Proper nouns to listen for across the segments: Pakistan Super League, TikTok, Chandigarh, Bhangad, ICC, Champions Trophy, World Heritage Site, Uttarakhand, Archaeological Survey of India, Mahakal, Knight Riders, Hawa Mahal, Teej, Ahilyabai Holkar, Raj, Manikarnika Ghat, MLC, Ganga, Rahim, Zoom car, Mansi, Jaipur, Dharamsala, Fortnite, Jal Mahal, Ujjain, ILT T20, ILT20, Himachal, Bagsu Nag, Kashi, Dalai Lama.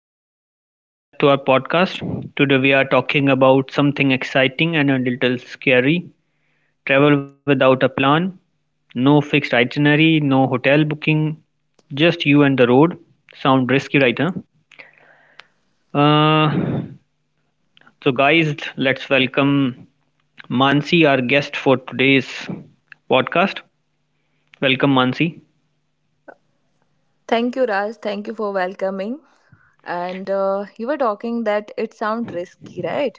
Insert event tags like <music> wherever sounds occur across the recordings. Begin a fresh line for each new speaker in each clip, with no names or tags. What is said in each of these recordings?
everyone, welcome back to our podcast. Today we are talking about something exciting and a little scary, travel without a plan. No fixed itinerary, no hotel booking, just you and the road. Sound risky, right? Huh? Uh, guys, let's welcome Mansi, our guest for today's podcast. Welcome, Mansi.
Thank you, Raj. Thank you for welcoming. And you were talking that it sounds risky, right?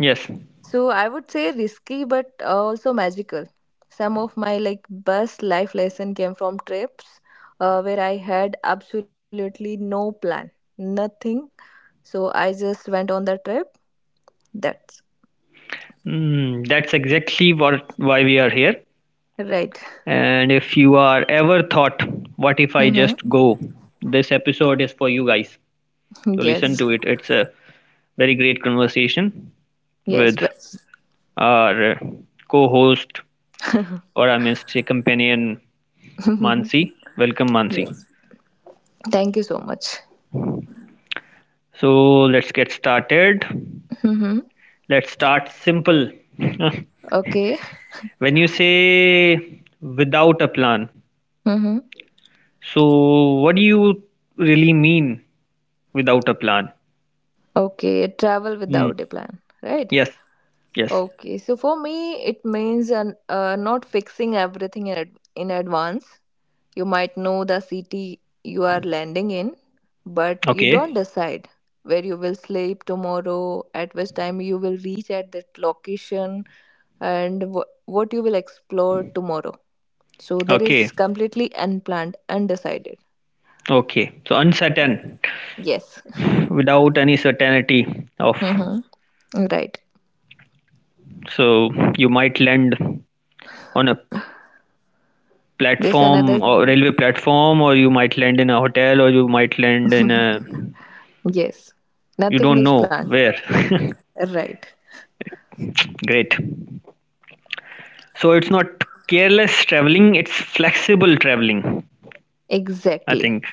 Yes.
So I would say risky, but also magical. Some of my like best life lesson came from trips where I had absolutely no plan, nothing. So I just went on the trip. That's
Mm, that's exactly what why we are here.
right.
And if you are ever thought, what if I
Mm-hmm.
just go? This episode is for you guys. So listen
Yes.
to it. It's a very great conversation
Yes.
with
But
our co-host, or I must say companion,
<laughs>
Mansi. Welcome
Yeah.
Mansi.
Thank you so much.
So let's get started.
Mm-hmm.
Let's start simple. <laughs>
Okay.
When you say without a plan,
Mm-hmm.
so what do you really mean without a plan?
Okay. Travel
Hmm.
without a plan, right?
Yes. Yes.
Okay, so for me, it means not fixing everything in, in advance. You might know the city you are landing in, but you don't
Okay,
decide where you will sleep tomorrow, at which time you will reach at that location, and what you will explore tomorrow. So there
okay,
is completely unplanned, undecided.
okay. So uncertain,
Yes. <laughs>
without any certainty of.
Mm-hmm. Right.
So you might land on a
This
platform
another.
or railway platform, or you might land in a hotel, or you might land in a.
Yes.
You
Nothing
don't
is
know
planned.
where.
Right.
<laughs> Great. So it's not careless traveling, it's flexible traveling, I
Exactly.
think.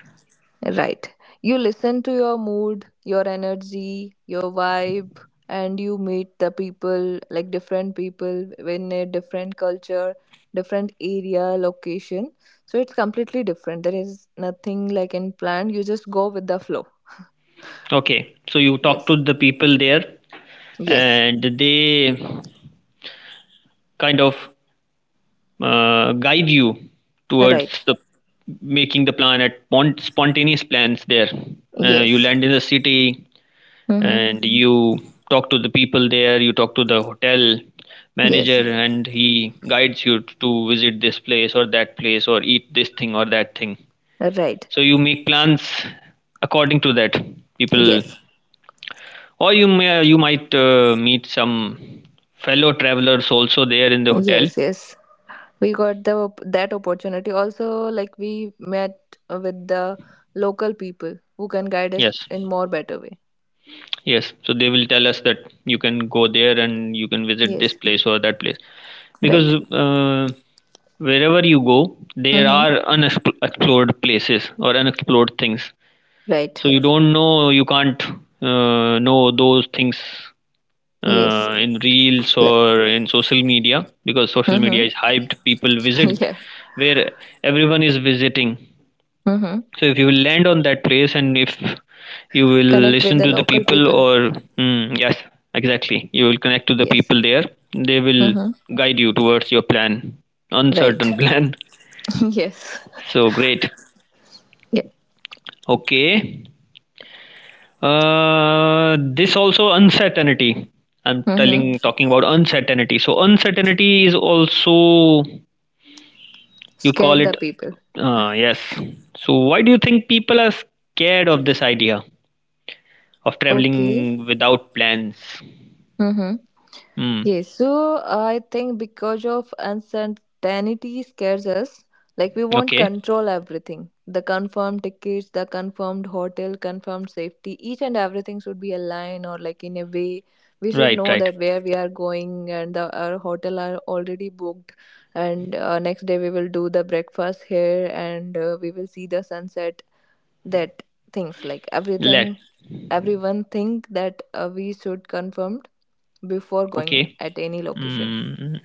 Right. You listen to your mood, your energy, your vibe, and you meet the people, like different people in a different culture, different area, location. So it's completely different. There is nothing like in plan. You just go with the flow.
Okay, so you talk to
Yes.
the people there
Yes.
and they kind of guide you towards
Right.
the making the plan at spontaneous plans there, you
Yes.
land in the city
Mm-hmm.
and you talk to the people there, you talk to the hotel
Yes.
manager and he guides you to visit this place or that place or eat this thing or that thing,
Right.
so you make plans according to that people,
Yes.
or you may you might meet some fellow travelers also there in the hotel.
Yes. Yes. We got the that opportunity also, like we met with the local people who can guide us
Yes.
in more better way.
Yes, so they will tell us that you can go there and you can visit this
Yes
place or that place, because
right
wherever you go, there
mm-hmm.
are unexplored places or unexplored things.
right
So you don't know, you can't know those things
yes
in reels
like
or in social media because social
mm-hmm.
media is hyped. People
<laughs> yeah
visit where everyone is visiting.
mm-hmm.
So if you will land on that place and if you will
connect with the
listen to the
local
people,
people
or mm, yes, exactly, you will connect to the
yes
people there. They will
mm-hmm.
guide you towards your plan,
right
uncertain <laughs> plan.
<laughs> yes
So great.
yeah
Okay. This also uncertainty. I'm
mm-hmm.
telling talking about uncertainty. So uncertainty is also you call
scared
it.
the people
Yes. So why do you think people are scared of this idea of
okay
traveling without plans?
mm-hmm.
Mm.
Yes, so I think because of uncertainty scares us, like we want
Okay.
control everything. The confirmed tickets, the confirmed hotel, confirmed safety, each and everything should be aligned or like in a way we should
Right,
know
right.
that where we are going and the our hotel are already booked, and next day we will do the breakfast here, and we will see the sunset. That things like
Let.
everything, everyone think that we should confirm before going
Okay.
at any location.
Mm.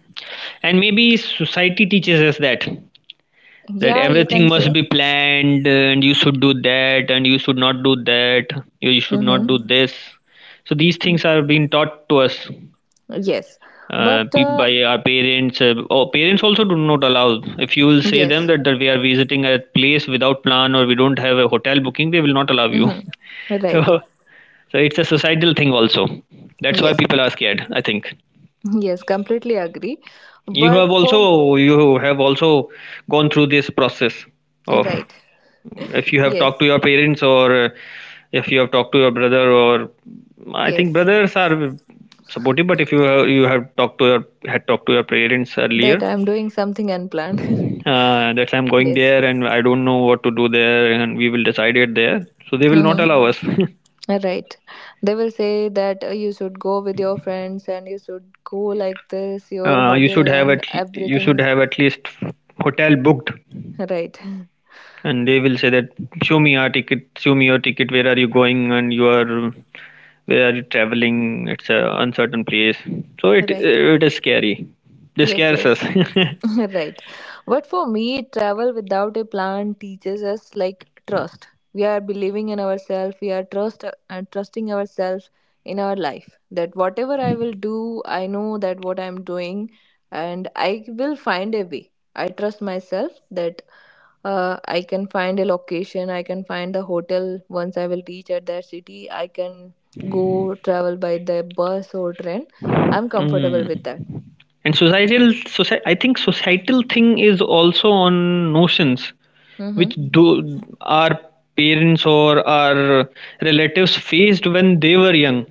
And maybe society teaches us that that
Yeah, you
everything
can
must
say.
be planned and you should do that and you should not do that. You should not
Hmm.
do this. So these things are being taught to us,
Yes, but
by our parents. Oh, parents also do not allow. If you will say them
yes.
that, that we are visiting a place without plan or we don't have a hotel booking, they will not allow you.
Hmm.
<laughs>
Right.
So, so it's a societal thing also. That's why
Yes.
people are scared, I think.
Yes. Completely agree.
You have
But for
also you have also gone through this process of,
right.
if you have talked
Yes.
to your parents, or if you have talked to your brother, or I think
Yes.
brothers are supportive, but if you have, you have talked to your had talked to your parents
That
earlier,
I'm doing something unplanned. <laughs>
that I'm going
yes.
there and I don't know what to do there and we will decide it there, so they will not
Hmm.
allow us. <laughs>
Right. They will say that you should go with your friends and you should go like this, your
You
hotel
should have
and
at, you should
everything.
have at least hotel booked,
Right. <laughs>
and they will say that show me your ticket, show me your ticket, where are you going, and you are, where are you traveling, it's a uncertain place, so it
Right.
it is scary. This
Yes.
scares us.
Yes.
<laughs>
<laughs> Right. But for me, travel without a plan teaches us like trust. We are believing in ourselves, we are trusting ourselves in our life that whatever I will do, I know that what I'm doing, and I will find a way. I trust myself that I can find a location, I can find the hotel once I will reach at that city, I can go travel by the bus or train. I'm comfortable
Mm.
with that.
And societal, soci I think societal thing is also on notions which
Mm-hmm.
do our parents or our relatives faced when they were young.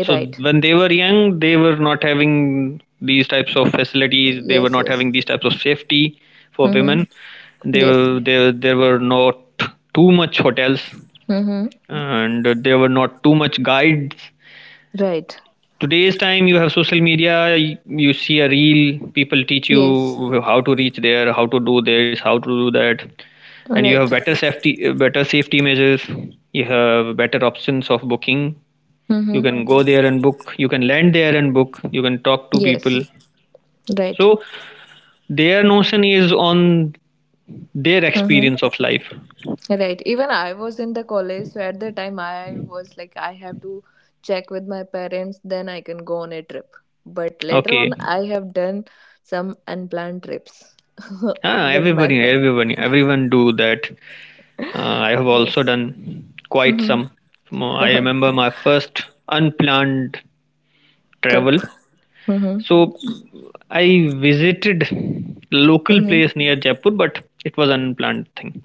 So
Right.
when they were young, they were not having these types of facilities. They were
Yes,
not
yes.
having these types of safety for
Mm-hmm.
women. They
Yes.
were there. There were not too much hotels,
Mm-hmm.
and there were not too much guides.
Right.
Today's time you have social media, you see a reel, people teach you
Yes.
how to reach there, how to do this, how to do that, and you
Right.
have better safety, better safety measures, you have better options of booking, you
Mm-hmm.
can go there and book, you can land there and book, you can talk to people.
Yes. Right.
So their notion is on their
Mm-hmm.
experience of life.
Right. Even I was in the college, so at the time I was like, I have to check with my parents, then I can go on a trip. But later
Okay,
on, I have done some unplanned trips <laughs>
ah,
with
everybody
my friend.
everybody everyone do that. I have also
Yes.
done quite some. I remember
<laughs>
my first unplanned travel.
Trip. Mm-hmm.
So I visited local
Mm-hmm.
place near Jaipur, but it was unplanned thing.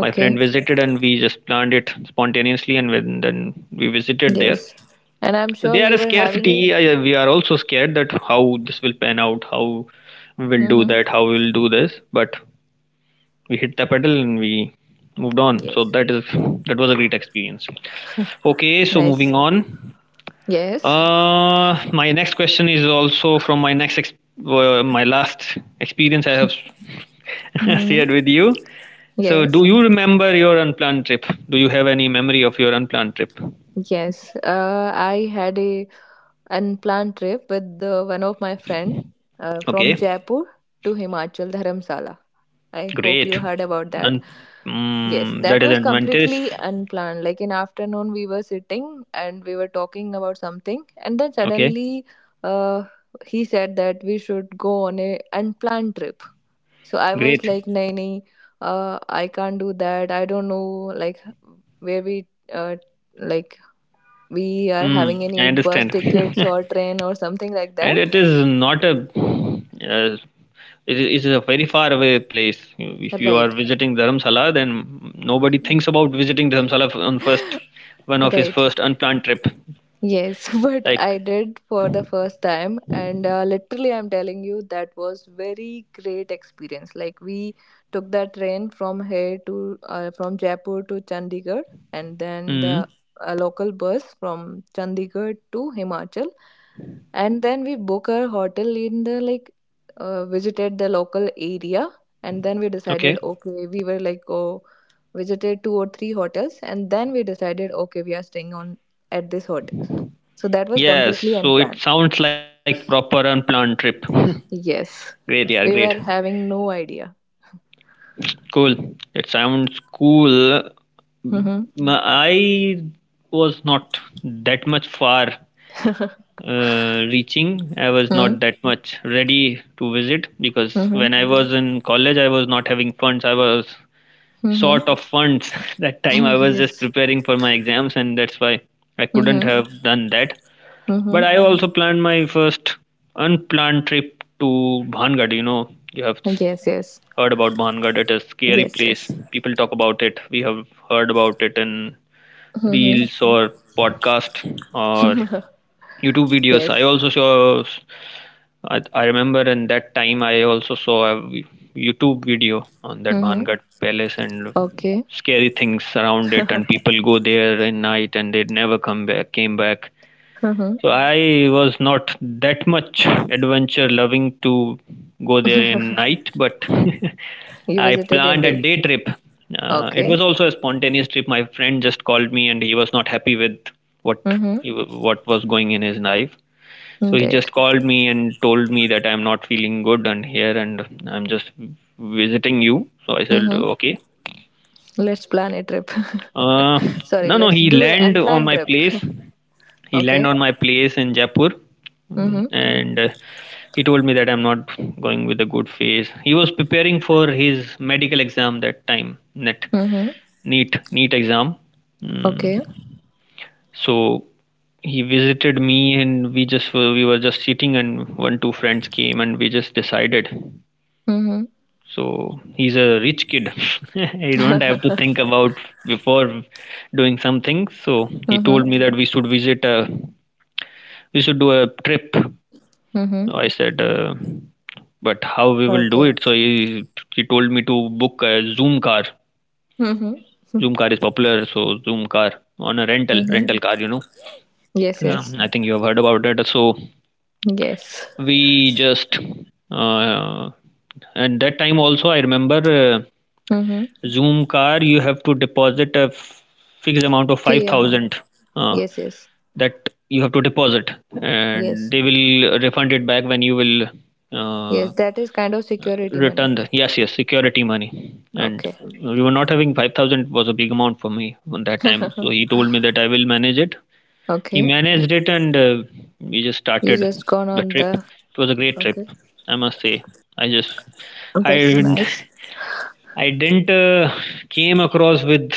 My friend visited and we just planned it spontaneously, and when, then we visited there.
Yes. And I'm
So,
sure
they are
you
a
were having it.
scarcity. We are also scared that how this will pan out, how we will do
Mm-hmm.
that, how we will do this. But we hit the pedal and we moved on. So
Yes.
that was a great experience. Okay, so moving
Nice.
on.
Yes.
My next question is also from my my last experience I have <laughs>
hmm
shared with you. So,
Yes.
do you remember your unplanned trip? Do you have any memory of your unplanned trip?
Yes. I had a unplanned trip with one of my friend from
Okay,
Jaipur to Himachal Dharamsala. I hope
great.
you heard about that.
And
Yes,
mm,
that
that is
was
advantage.
completely unplanned. Like in afternoon, we were sitting and we were talking about something, and then
Okay,
suddenly, uh, he said that we should go on a unplanned trip. So I was
great.
like, nay, nay, I can't do that. I don't know, like, where we, like, we are
Mm,
having
I
any bus
understand.
tickets or
<laughs>
train or something like that.
And it is not a, uh, it is a very far away place. If you are
Right.
visiting dharamsala, then nobody thinks about visiting dharamsala on first, one
<laughs>
of his
Right.
first unplanned trip.
Yes, <laughs> but I
Like
did for the first time, and literally, I'm telling you, that was very great experience. Like we took the train from here to from Jaipur to Chandigarh, and then the
mm,
a local bus from Chandigarh to Himachal, and then we book our hotel in the like visited the local area, and then we decided
okay.
okay, we were like oh visited two or three hotels, and then we decided okay, we are staying on at this hotel. So that was
Yes,
completely
so it
unplanned.
sounds like proper unplanned trip. <laughs>
Yes.
Great, yeah, great.
We were having no idea.
Cool, it sounds cool.
Mm-hmm.
Mm, I was not that much far,
<laughs>
reaching, I was not
Mm-hmm.
that much ready to visit because
Mm-hmm.
when I was in college I was not having funds, I was short of funds. <laughs> That time
Mm-hmm.
I
<laughs>
was just
yes.
preparing for my exams and that's why I couldn't
Mm-hmm.
have done that.
Mm-hmm.
But I also planned my first unplanned trip to bhangad. You know, you have
Yes, yes.
heard about bhangad. It is a scary
Yes,
place,
yes.
people talk about it, we have heard about it in
Mm-hmm.
reels or podcast or
<laughs>
YouTube videos. I
yes.
also saw. I remember in that time I also saw a YouTube video on that
Mm-hmm.
Bhangat Palace and
Okay.
scary things around it, and people go there at night and they never come back. Came back.
Mm-hmm.
So I was not that much adventure loving to go there in night, but <laughs>
You
I
visited
planned a
India.
day trip. It
Okay.
was also a spontaneous trip. My friend just called me, and he was not happy with what
Mm-hmm.
what was going in his life. So he
Right.
just called me and told me that I'm not feeling good and here, and I'm just visiting you. So I said
Mm-hmm.
okay.
Let's plan a trip. <laughs>
Uh,
Sorry,
no, no,
let's
he
do an
land on
unplanned
my
trip.
place.
<laughs>
He land
okay.
on my place in Jaipur. Mm,
Mm-hmm.
and he told me that I'm not going with a good face. He was preparing for his medical exam that time, net
Mm-hmm.
neat neat exam.
Okay.
Mm. So he visited me, and we were just sitting, and 1 2 friends came, and we just decided.
Mm-hmm.
So he's a rich kid. <laughs>
<laughs>
He don't have to
mm-hmm.
think about before doing something. So he told me that we should do a trip.
Mm-hmm.
So, I said, but how we will
Okay.
do it? So he told me to book a Zoom car.
Mm-hmm.
Zoom car is popular, so Zoom car, on a rental
Mm-hmm.
rental car, you know.
Yes,
Yeah,
yes.
I think you have heard about it. So
Yes.
we just uh, at that time also I remember.
Mm-hmm.
Zoom car, you have to deposit a fixed amount of
Fee amount.
5,000, uh,
Yes, yes.
that you have to deposit, and
Yes.
they will refund it back when you will uh,
Yes, that is kind of security money.
return the, yes, yes, security money. And
Okay.
we were not having, 5,000 was a big amount for me on that time, so he
<laughs>
told me that I will manage it. He
okay.
managed it, and we just
You
started
just gone
the
on
trip.
the
It was a great trip,
okay.
I must say. I just I
That's
<laughs>
nice.
I didn't came across with,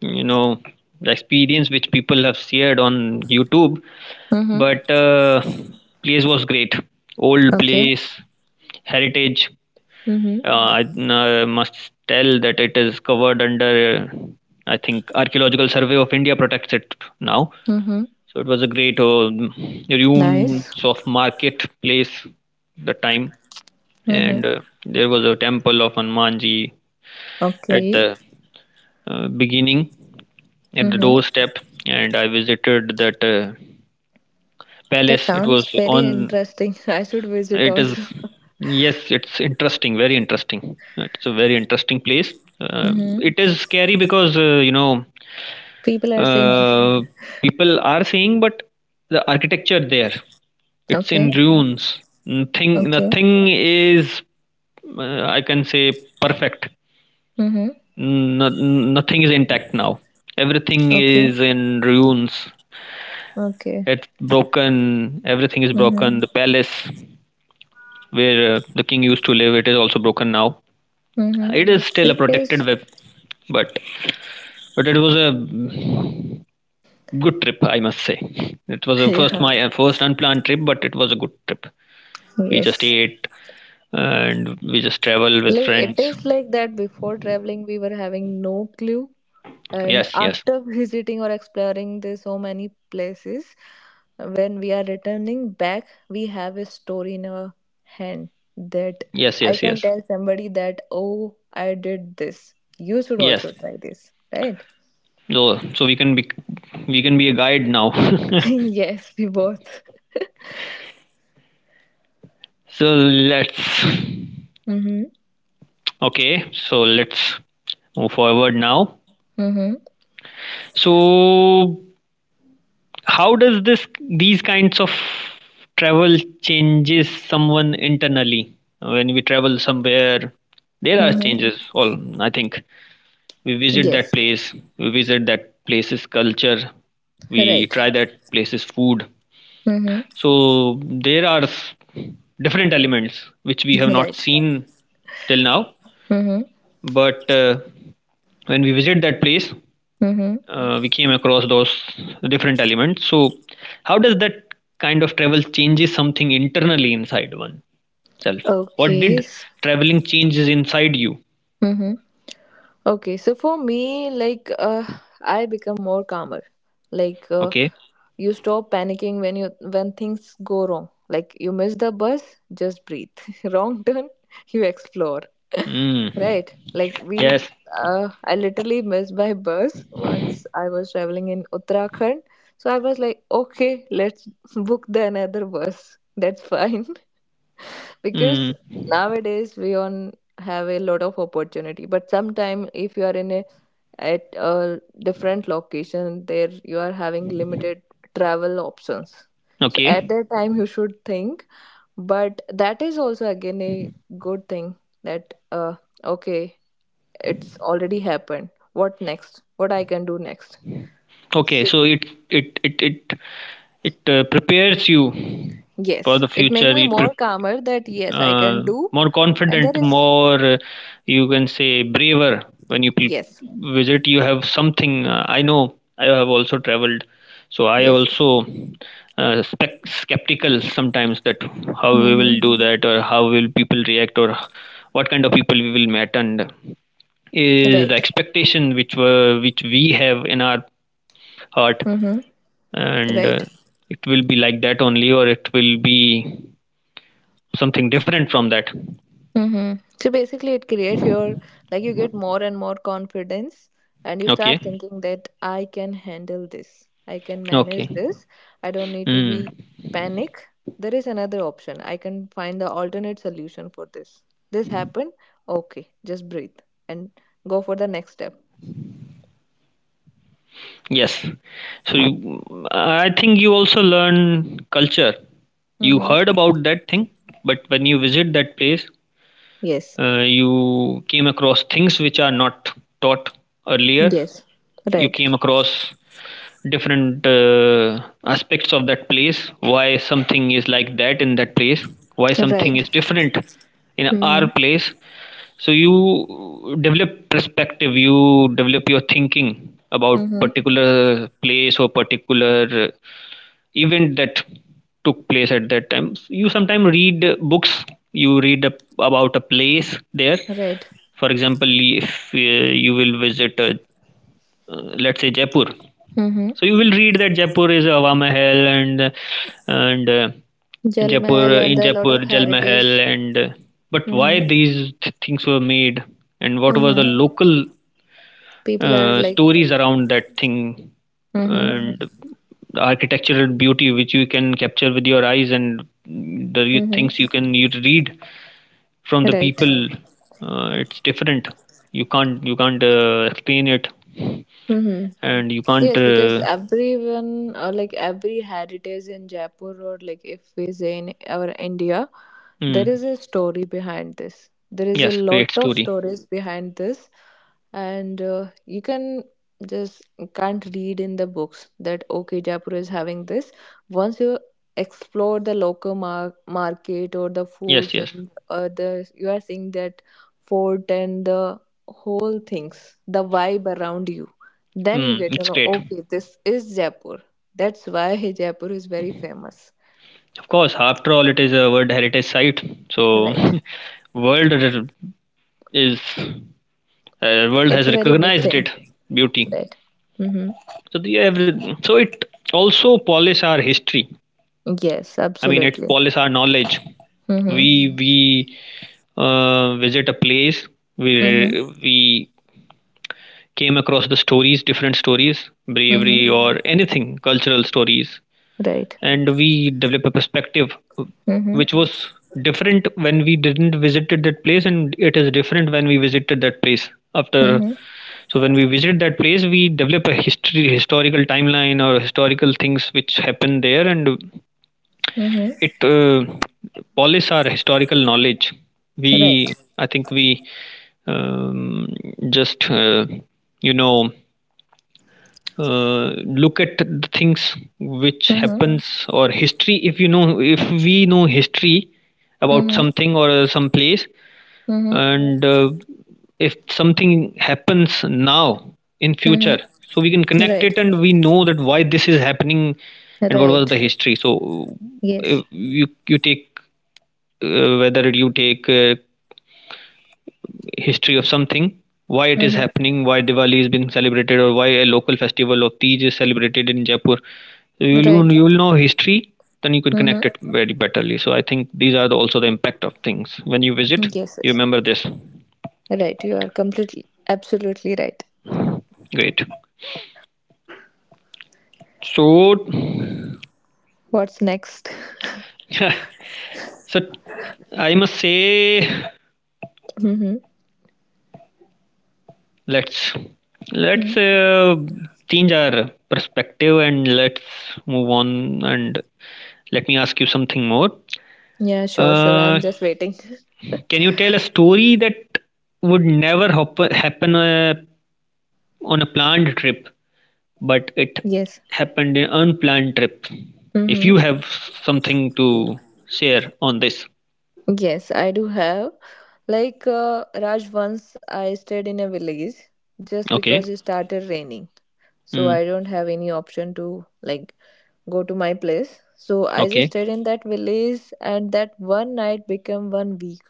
you know, the experience which people have shared on YouTube,
Mm-hmm.
but place was great. Old
Okay.
place, heritage.
Mm-hmm.
I must tell that it is covered under. I think Archaeological Survey of India protects it now.
Mm-hmm.
So it was a great ruins
Nice.
of market place the time,
Mm-hmm.
and there was a temple of Hanumanji at
Okay.
the beginning, at the
Mm-hmm.
doorstep, and I visited that
That
palace. It was
sounds very
on.
interesting. <laughs> I should visit
It
also.
is,
<laughs>
yes, it's interesting, very interesting. It's a very interesting place. Um,
Mm-hmm.
it is scary because you know,
People are saying
uh, people are saying, but the architecture there, it's
okay.
in ruins.
Okay.
Nothing is I can say perfect.
Mm-hmm.
No, nothing is intact now. Everything
Okay.
is in ruins.
Okay.
It's broken. Everything is
Mm-hmm.
broken. The palace where the king used to live, it is also broken now.
Mm-hmm.
It is still a
Because
protected web, but but it was a good trip, I must say. It was
<laughs>
a first
yeah,
my first unplanned trip, but it was a good trip. We just
yes.
ate and we just travel with
Like it
friends.
is like that before traveling we were having no clue, and
Yes, yes,
after <laughs> visiting or exploring the so many places, when we are returning back we have a story in our hand that
yes,
I
yes,
can
yes,
tell somebody that oh I did this. You should
yes.
also try this, right?
So we can be a guide now.
<laughs> yes, we both. <laughs>
<laughs> so let's.
mm-hmm.
Okay, so let's move forward now.
Mm-hmm.
So, how does this these kinds of travel changes someone internally? When we travel somewhere, there are
Mm-hmm.
changes. All I think we visit that
Yes.
place, we visit that place's culture, we
Right.
try that place's food.
Mm-hmm.
So there are different elements which we have not
Right.
seen till now,
Mm-hmm.
but when we visit that place,
Mm-hmm.
we came across those different elements, so how does that kind of travel changes something internally inside oneself? What
Okay.
did traveling changes inside you?
Mhm. Okay. So for me, like, I become more calmer. Like,
Okay.
you stop panicking when you when things go wrong. Like, you miss the bus, just breathe. <laughs> wrong turn, you explore.
Mm.
<laughs> right. Like we,
Yes.
I literally missed my bus once. I was traveling in Uttarakhand, so I was like, okay, let's book the another bus. That's fine. Because
Mm.
nowadays we on have a lot of opportunity but sometime if you are in a at a different location there you are having limited travel options so at
Okay.
that time you should think but that is also again a good thing that okay it's already happened. What next, what I can do next.
Okay,
So
so it it prepares you for
yes
the
it make
future.
me more calmer that yes I can
Uh,
do.
More
And there
confident,
is
more, you can say, braver when you
yes
visit. You have something. I know. I have also traveled, so I
yes yes
also, spec- skeptical sometimes that how we
mm-hmm.
will do that, or how will people react, or what kind of people we will meet, and is the
right
expectation which we have in our heart,
Mm-hmm.
and
Right.
it will be like that only, or it will be something different from that.
Mm-hmm. So basically, it creates your like you get more and more confidence, and you start
Okay.
thinking that I can handle this. I can manage
Okay.
this. I don't need to be
Mm.
panic. There is another option. I can find the alternate solution for this. This happened. Okay, just breathe and go for the next step.
Yes. So you, I think you also learn culture. You
Mm-hmm.
heard about that thing, but when you visit that place,
Yes.
you came across things which are not taught earlier.
Yes.
You
Right.
came across different aspects of that place, why something is like that in that place, why something
Right.
is different in our
Mm-hmm.
place. So you develop perspective, you develop your thinking about
Mm-hmm.
particular place or particular, event that took place. At that time you sometimes read, books, you read about a place there.
Right.
For example, if, you will visit, let's say, Jaipur,
Mm-hmm.
so you will read that Jaipur is Hawa Mahal, and
Jal
Jaipur.
Mahal and
In
a lot of
Jaipur, Jal
heritage.
Mahal, and but why
Mm-hmm.
these things were made, and what were the
Mm-hmm.
local,
People are like,
stories around that thing,
mm-hmm.
and the architectural beauty which you can capture with your eyes, and the
Mm-hmm.
things you can, you read from the
right.
people. It's different. You can't you can't, explain it,
Mm-hmm.
and you can't,
Yes, because
uh.
everyone or like every heritage in Jaipur or like if we say in our India, there is
Mm.
a story behind this. There is a
Yes,
lot
great
of
story.
stories behind this, and you can just can't read in the books that okay Jaipur is having this. Once you explore the local market or the
Yes,
foods
yes.
and the you are seeing that fort and the whole things, the vibe around you, then you
Mm,
get to
it's
know,
great.
okay, this is Jaipur. That's why <laughs> Jaipur is very famous.
Of course, after all, it is a World Heritage Site. So,
Right.
<laughs> world is, world
It's
has
a very big
recognized
thing.
it beauty.
Right. Mm-hmm.
So the every, so it also polish our history.
Yes,
I mean, it
absolutely.
polish our knowledge.
Mm-hmm.
We visit a place. We
Mm-hmm.
we came across the stories, different stories, bravery
Mm-hmm.
or anything, cultural stories,
Right.
and we develop a perspective
Mm-hmm.
which was different when we didn't visited that place, and it is different when we visited that place after.
Mm-hmm.
So when we visit that place, we develop a history historical timeline or historical things which happen there, and
Mm-hmm.
it, polish our historical knowledge. We
Right.
I think we um, just you know look at the things which
Mm-hmm.
happens, or history. If you know, if we know history about
Mm-hmm.
something or some place,
Mm-hmm.
and if something happens now in future,
Mm-hmm.
so we can connect
Right.
it and we know that why this is happening, and what was
Right.
the history. So
Yes.
if you take, whether you take, history of something, why it is
Mm-hmm.
happening, why Diwali is being celebrated, or why a local festival of Teej is celebrated in Jaipur. So
Right.
you'll know history, then you can connect
Mm-hmm.
it very betterly. So I think these are the, also the impact of things. When you visit,
Yes,
you
yes.
remember this.
Right. You are completely, absolutely right.
Great. So,
What's next? <laughs>
<laughs> so I must say,
Mm-hmm.
let's let's,
Mm-hmm.
change our perspective, and let's move on. And let me ask you something more.
Yeah, sure, sure. I'm
Uh,
just waiting.
Can you tell a story that would never happen, on a planned trip, but it
Yes.
happened in an unplanned trip? If
Mm-hmm.
you have something to share on this,
Yes, I do have. Like Raj, once I stayed in a village just
okay.
because it started raining. So
Mm.
I don't have any option to like go to my place. So I just
Okay,
stayed in that village and that one night became one week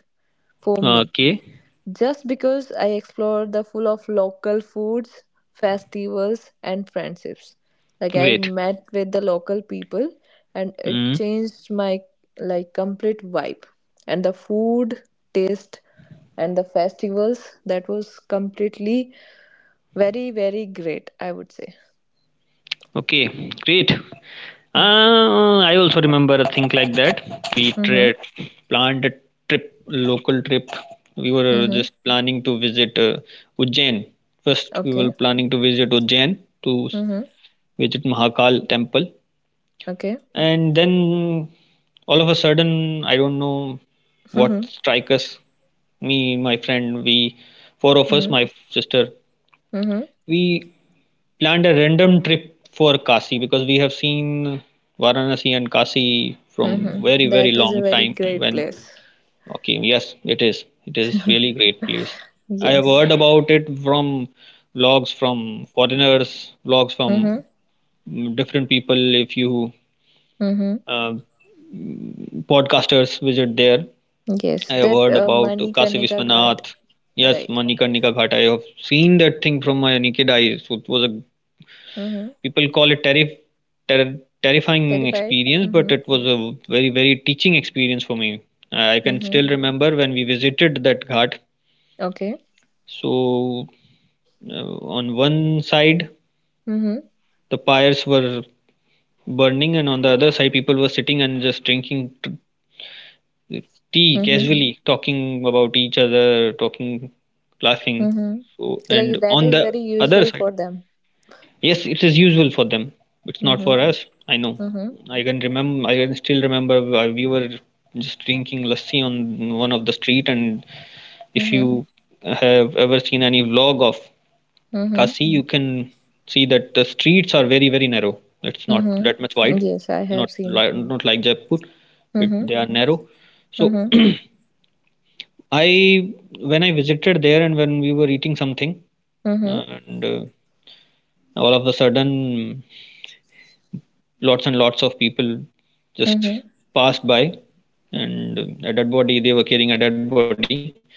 for me.
okay,
Just because I explored the full of local foods, festivals, and friendships. Like I
great.
met with the local people, and it
Mm.
changed my like complete vibe. And the food taste and the festivals that was completely very very great. I would say.
Okay, great. I also remember a thing like that. We
Mm-hmm.
tra- planned a trip, local trip. We were
Mm-hmm.
just planning to visit, Ujjain. First, we were
Okay.
planning to visit Ujjain to
Mm-hmm.
visit Mahakal temple,
Okay.
and then all of a sudden, I don't know what
Mm-hmm.
strike us. Me, my friend, we four of us,
Mm-hmm.
my sister,
Mm-hmm.
we planned a random trip for Kashi because we have seen Varanasi and Kashi from very
Mm-hmm.
very
That is a
long
very
time.
great
When,
place.
okay, yes, it is, it is really great place. I have
Yes.
heard about it from vlogs, from foreigners vlogs, from
Mm-hmm.
mm, different people. If you,
Mm-hmm.
uh, podcasters visit there.
Yes,
I have
that
heard about Kashi
Manikarnika Ghat,
Vishwanath. Yes,
right?
Manikarnika Ghat. I have seen that thing from my naked eyes. So it was a
Mm-hmm.
people call it terrifying
Terrified.
experience, but
Mm-hmm.
it was a very, very teaching experience for me. I can
Mm-hmm.
still remember when we visited that ghat.
Okay.
So, on one side,
Mm-hmm.
the pyres were burning, and on the other side, people were sitting and just drinking tea
Mm-hmm.
casually, talking about each other, talking, laughing.
Mm-hmm.
So, and
Like that
on
is
the
very
other
useful
side.
for them.
Yes, it is usual for them. It's not for
Mm-hmm.
us. I know.
Mm-hmm.
I can remember. I can still remember. We were just drinking lassi on one of the street, and if
Mm-hmm.
you have ever seen any vlog of
Mm-hmm.
Kasi, you can see that the streets are very, very narrow. It's not that much
Mm-hmm.
wide.
Yes, I
Not
have seen.
li- not like Jaipur. It,
Mm-hmm.
they are narrow. So
Mm-hmm.
<clears throat> I, when I visited there and when we were eating something,
Mm-hmm.
and all of a sudden, lots and lots of people just
Mm-hmm.
passed by, and a dead body, they were carrying a dead body.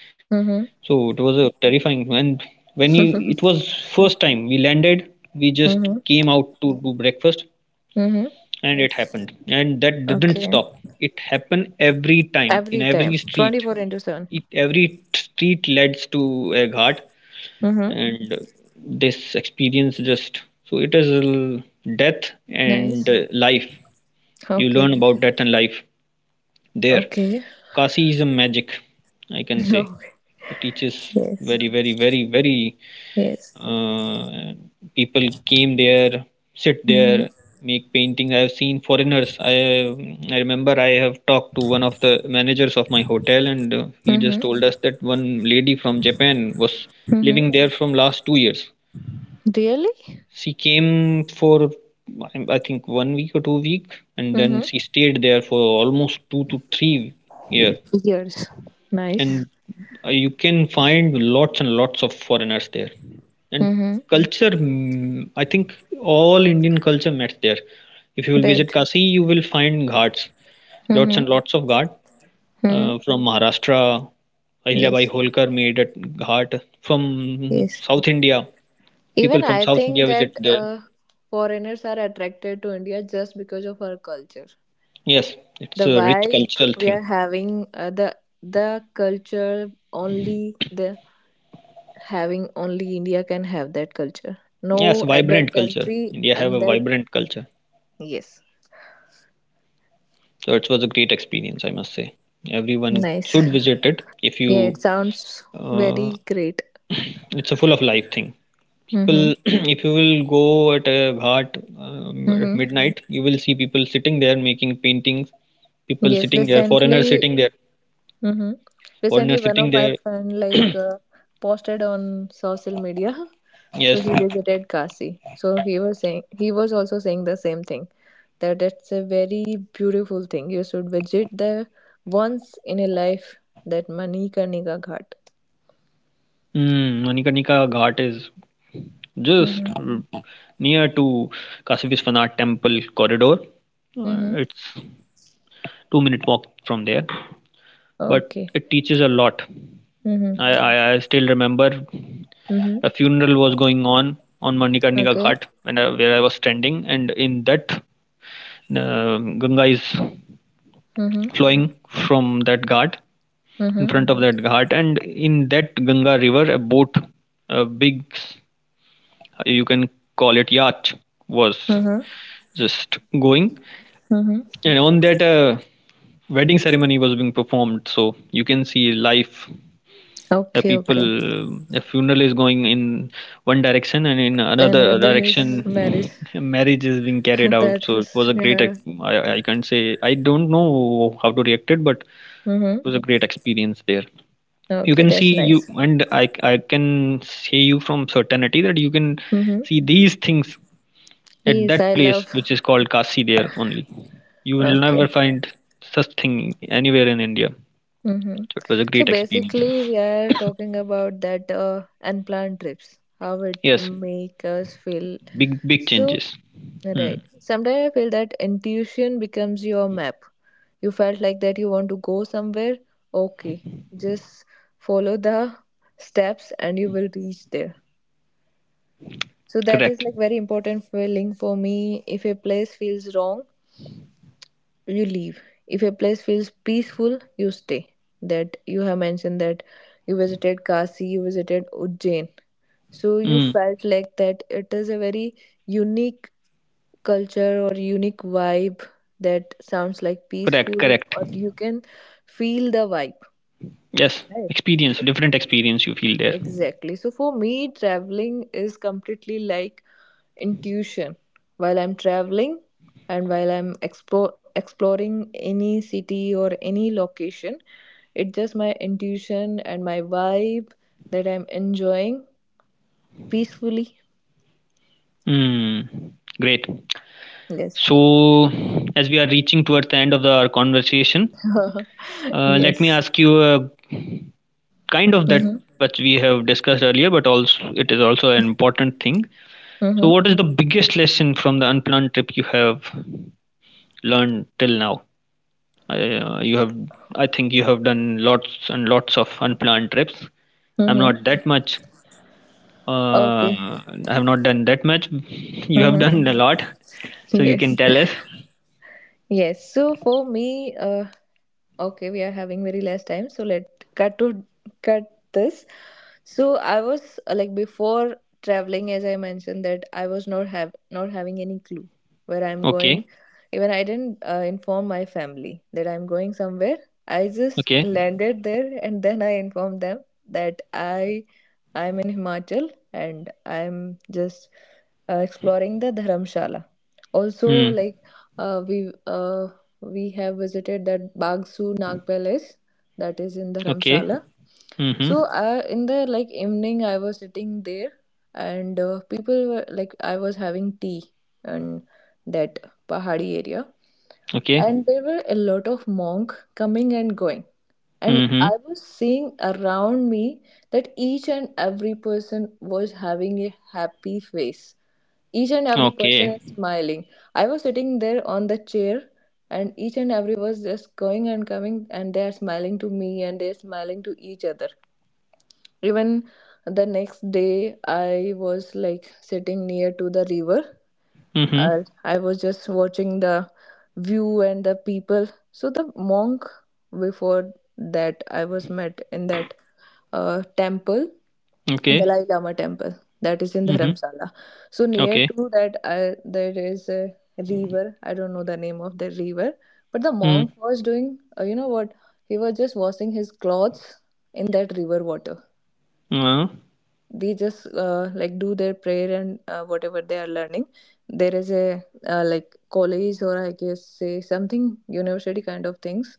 So it was
Mm-hmm.
a terrifying. And when you, it was first time we landed, we just came out
Mm-hmm.
to do breakfast,
Mm-hmm.
and it happened, and that didn't stop.
Okay.
It happened every time, in
Every
every
time,
street
twenty four into seven.
it, every street leads to a ghat,
Mm-hmm.
and this experience just, so it is l- death and,
Nice.
life. You
Okay.
learn about death and life there.
Okay. <laughs>
Kasi is a magic, I can say.
No.
It teaches
Yes.
very, very, very, very.
Yes.
Uh, people came there, sit there,
Mm-hmm.
make paintings. I have seen foreigners. I remember I have talked to one of the managers of my hotel, and he just told
Mm-hmm.
us that one lady from Japan was living
Mm-hmm.
there from last 2 years.
Really?
She came for, I think, 1 week or 2 week, and then
Mm-hmm.
she stayed there for almost 2 to 3 year.
years. Nice.
And you can find lots and lots of foreigners there. And
Mm-hmm.
culture, mm, I think all Indian culture met there. If you will visit
Right.
Kasi, you will find ghats, lots
Mm-hmm.
and lots of ghat,
Mm-hmm.
from Maharashtra. Ahilyabai
Yes.
Holkar made a ghat from
Yes.
South India. People
Even
from
I
South India
think
visit
that
there.
foreigners are attracted to India just because of our culture.
Yes,
The
it's a rich
vibe
cultural
we
thing.
are having, the culture only the having only India can have that culture.
Yes,
No other
vibrant culture.
country
India have
and
a
that
vibrant culture.
yes.
So it was a great experience, I must say. Everyone
Nice.
should visit it if
Yeah, it
you,
sounds
uh,
very great.
it's a full of life thing. People,
Mm-hmm.
<clears throat> if you will go at a ghat at
hmm
midnight, you will see people sitting there making paintings, people
Yes,
sitting there, foreigners
recently,
sitting there,
hmm recently
foreigners
one of
sitting
my
there.
friend like posted on social media. <laughs> So
Yes.
he visited Kashi. So he was saying he was also saying the same thing that it's a very beautiful thing. You should visit there once in a life. That Manikarnika Ghat.
Mm, Manikanika Ghat is just
Mm-hmm.
near to Kashi Vishwanath temple corridor.
Mm-hmm.
It's 2 minute walk from there, but
Okay.
it teaches a lot. I,
Mm-hmm.
I, I still remember
Mm-hmm.
a funeral was going on Manikarnika
Okay.
Ghat when I, where I was standing, and in that, Ganga is
Mm-hmm.
flowing from that ghat in
Mm-hmm.
front of that ghat, and in that Ganga river, a boat, a big, you can call it yacht, was
Mm-hmm.
just going.
Mm-hmm.
And on that, a wedding ceremony was being performed. So you can see life. A
Okay. Okay.
people, a funeral is going in one direction, and in another
Another is marriage.
direction, a marriage is being carried
<laughs>
out.
That
So it was
is
a great.
yeah.
I, can't say, I don't know how to react it, but it
Mm-hmm.
was a great experience there. You
Okay,
can see
that's
you,
nice.
and I can say you from certainty that you can
Mm-hmm.
see these things at
Yes,
that
I
place
love.
which is called Kasi, there only. You will
Okay.
never find such thing anywhere in India. So
Mm-hmm.
it was a
So
great experience.
basically, we are talking about that unplanned trips, how it
Yes,
make us feel.
big big
So
changes. Hmm.
right, sometimes I feel that intuition becomes your map. You felt like that you want to go somewhere. Okay, just follow the steps and you will reach there. So that is
Correct.
like very important feeling for me. If a place feels wrong, you leave. If a place feels peaceful, you stay. That you have mentioned that you visited Kasi, you visited Ujjain, so you
Hmm.
felt like that it is a very unique culture or unique vibe that sounds like
Correct.
peaceful,
Correct.
or you can feel the vibe.
Yes,
Right,
experience,
so
different experience you feel there.
exactly, so for me traveling is completely like intuition while I'm traveling, and while I'm exploring any city or any location. It's just my intuition and my vibe that I'm enjoying peacefully.
Hmm. Great.
Yes.
So as we are reaching towards the end of the, our conversation,
<laughs>
let me
Yes.
ask you a kind of that
Mm-hmm.
which we have discussed earlier, but also it is also an important thing. So,
Mm-hmm.
what is the biggest lesson from the unplanned trip you have learned till now? You have, I think, you have done lots and lots of unplanned trips. I'm not
Mm-hmm.
that much. Uh,
Okay.
I have not done that much. You have
Mm-hmm.
done a lot, so you can
Yes.
tell us.
<laughs> Yes. So for me, okay, we are having very less time, so let cut to cut this. So I was like before traveling, as I mentioned that I was not have not having any clue where I'm going.
Okay.
Even I didn't inform my family that I'm going somewhere. I just
Okay.
landed there and then I informed them that I'm in Himachal, and I'm just exploring the Dharamshala, also
Mm.
like uh, we uh, we have visited that Bagsu Nag Palace that is in
Okay.
Dharamshala. So
Mm-hmm.
in the like evening, I was sitting there, and people were like I was having tea in that Pahadi area,
Okay.
and there were a lot of monk coming and going, and
Mm-hmm.
I was seeing around me that each and every person was having a happy face, each and every person
Okay.
is smiling. I was sitting there on the chair, and each and everyone was just going and coming, and they are smiling to me and they're smiling to each other. Even the next day, I was like sitting near to the river.
Mm-hmm.
I was just watching the view and the people. So the monk before that I was met in that temple,
Okay.
Dalai Lama temple that is in
Mm-hmm.
Dharamsala. So near
Okay.
to that I, there is a river. I don't know the name of the river, but the
Mm.
monk was doing. You know what? He was just washing his clothes in that river water.
Uh,
They just like do their prayer, and whatever they are learning, there is a like college, or I guess say something university kind of things.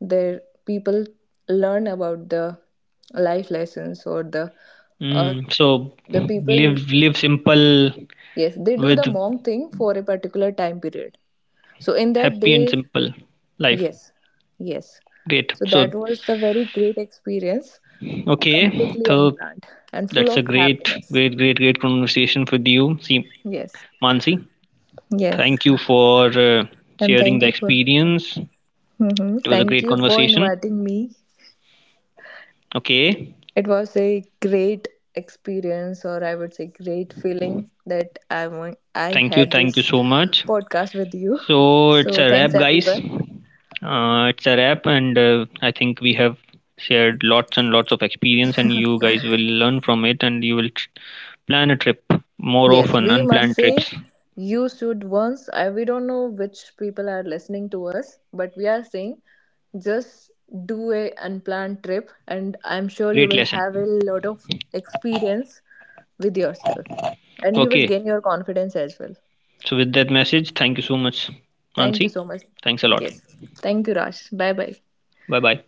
There people learn about the life lessons, or uh,
mm. So
the people.
live simple
Yes, they do
with
the monk thing for a particular time period. So in that
happy and
they,
simple life.
yes, yes,
Great.
so that
So,
was the very great experience.
okay.
Completely
So
unplanned and full
that's a
of
great,
happiness.
great, great, great conversation with you, see,
Yes,
Mansi.
yes.
Thank you for,
And
sharing
thank
the
you for.
experience.
Mhm.
It was a
Thank
great
you for
conversation.
inviting me.
Okay.
It was a great experience, or I would say, great feeling that I
Thank you.
had
Thank you
this
so much.
podcast with you.
So it's
So
a
thanks
wrap, guys.
everyone.
It's a wrap, and I think we have shared lots and lots of experience, and you guys will learn from it, and you will plan a trip more
Yes,
often,
we must
unplanned
say
trips.
you should once. I We don't know which people are listening to us, but we are saying just do a unplanned trip, and I'm sure you
Great
will
lesson.
have a lot of experience with yourself, and you will
Okay.
gain your confidence as well.
So with that message, thank you so much,
Thank you
Mansi.
so much.
Thanks a lot.
Yes. Thank you, Raj. Bye bye.
Bye bye.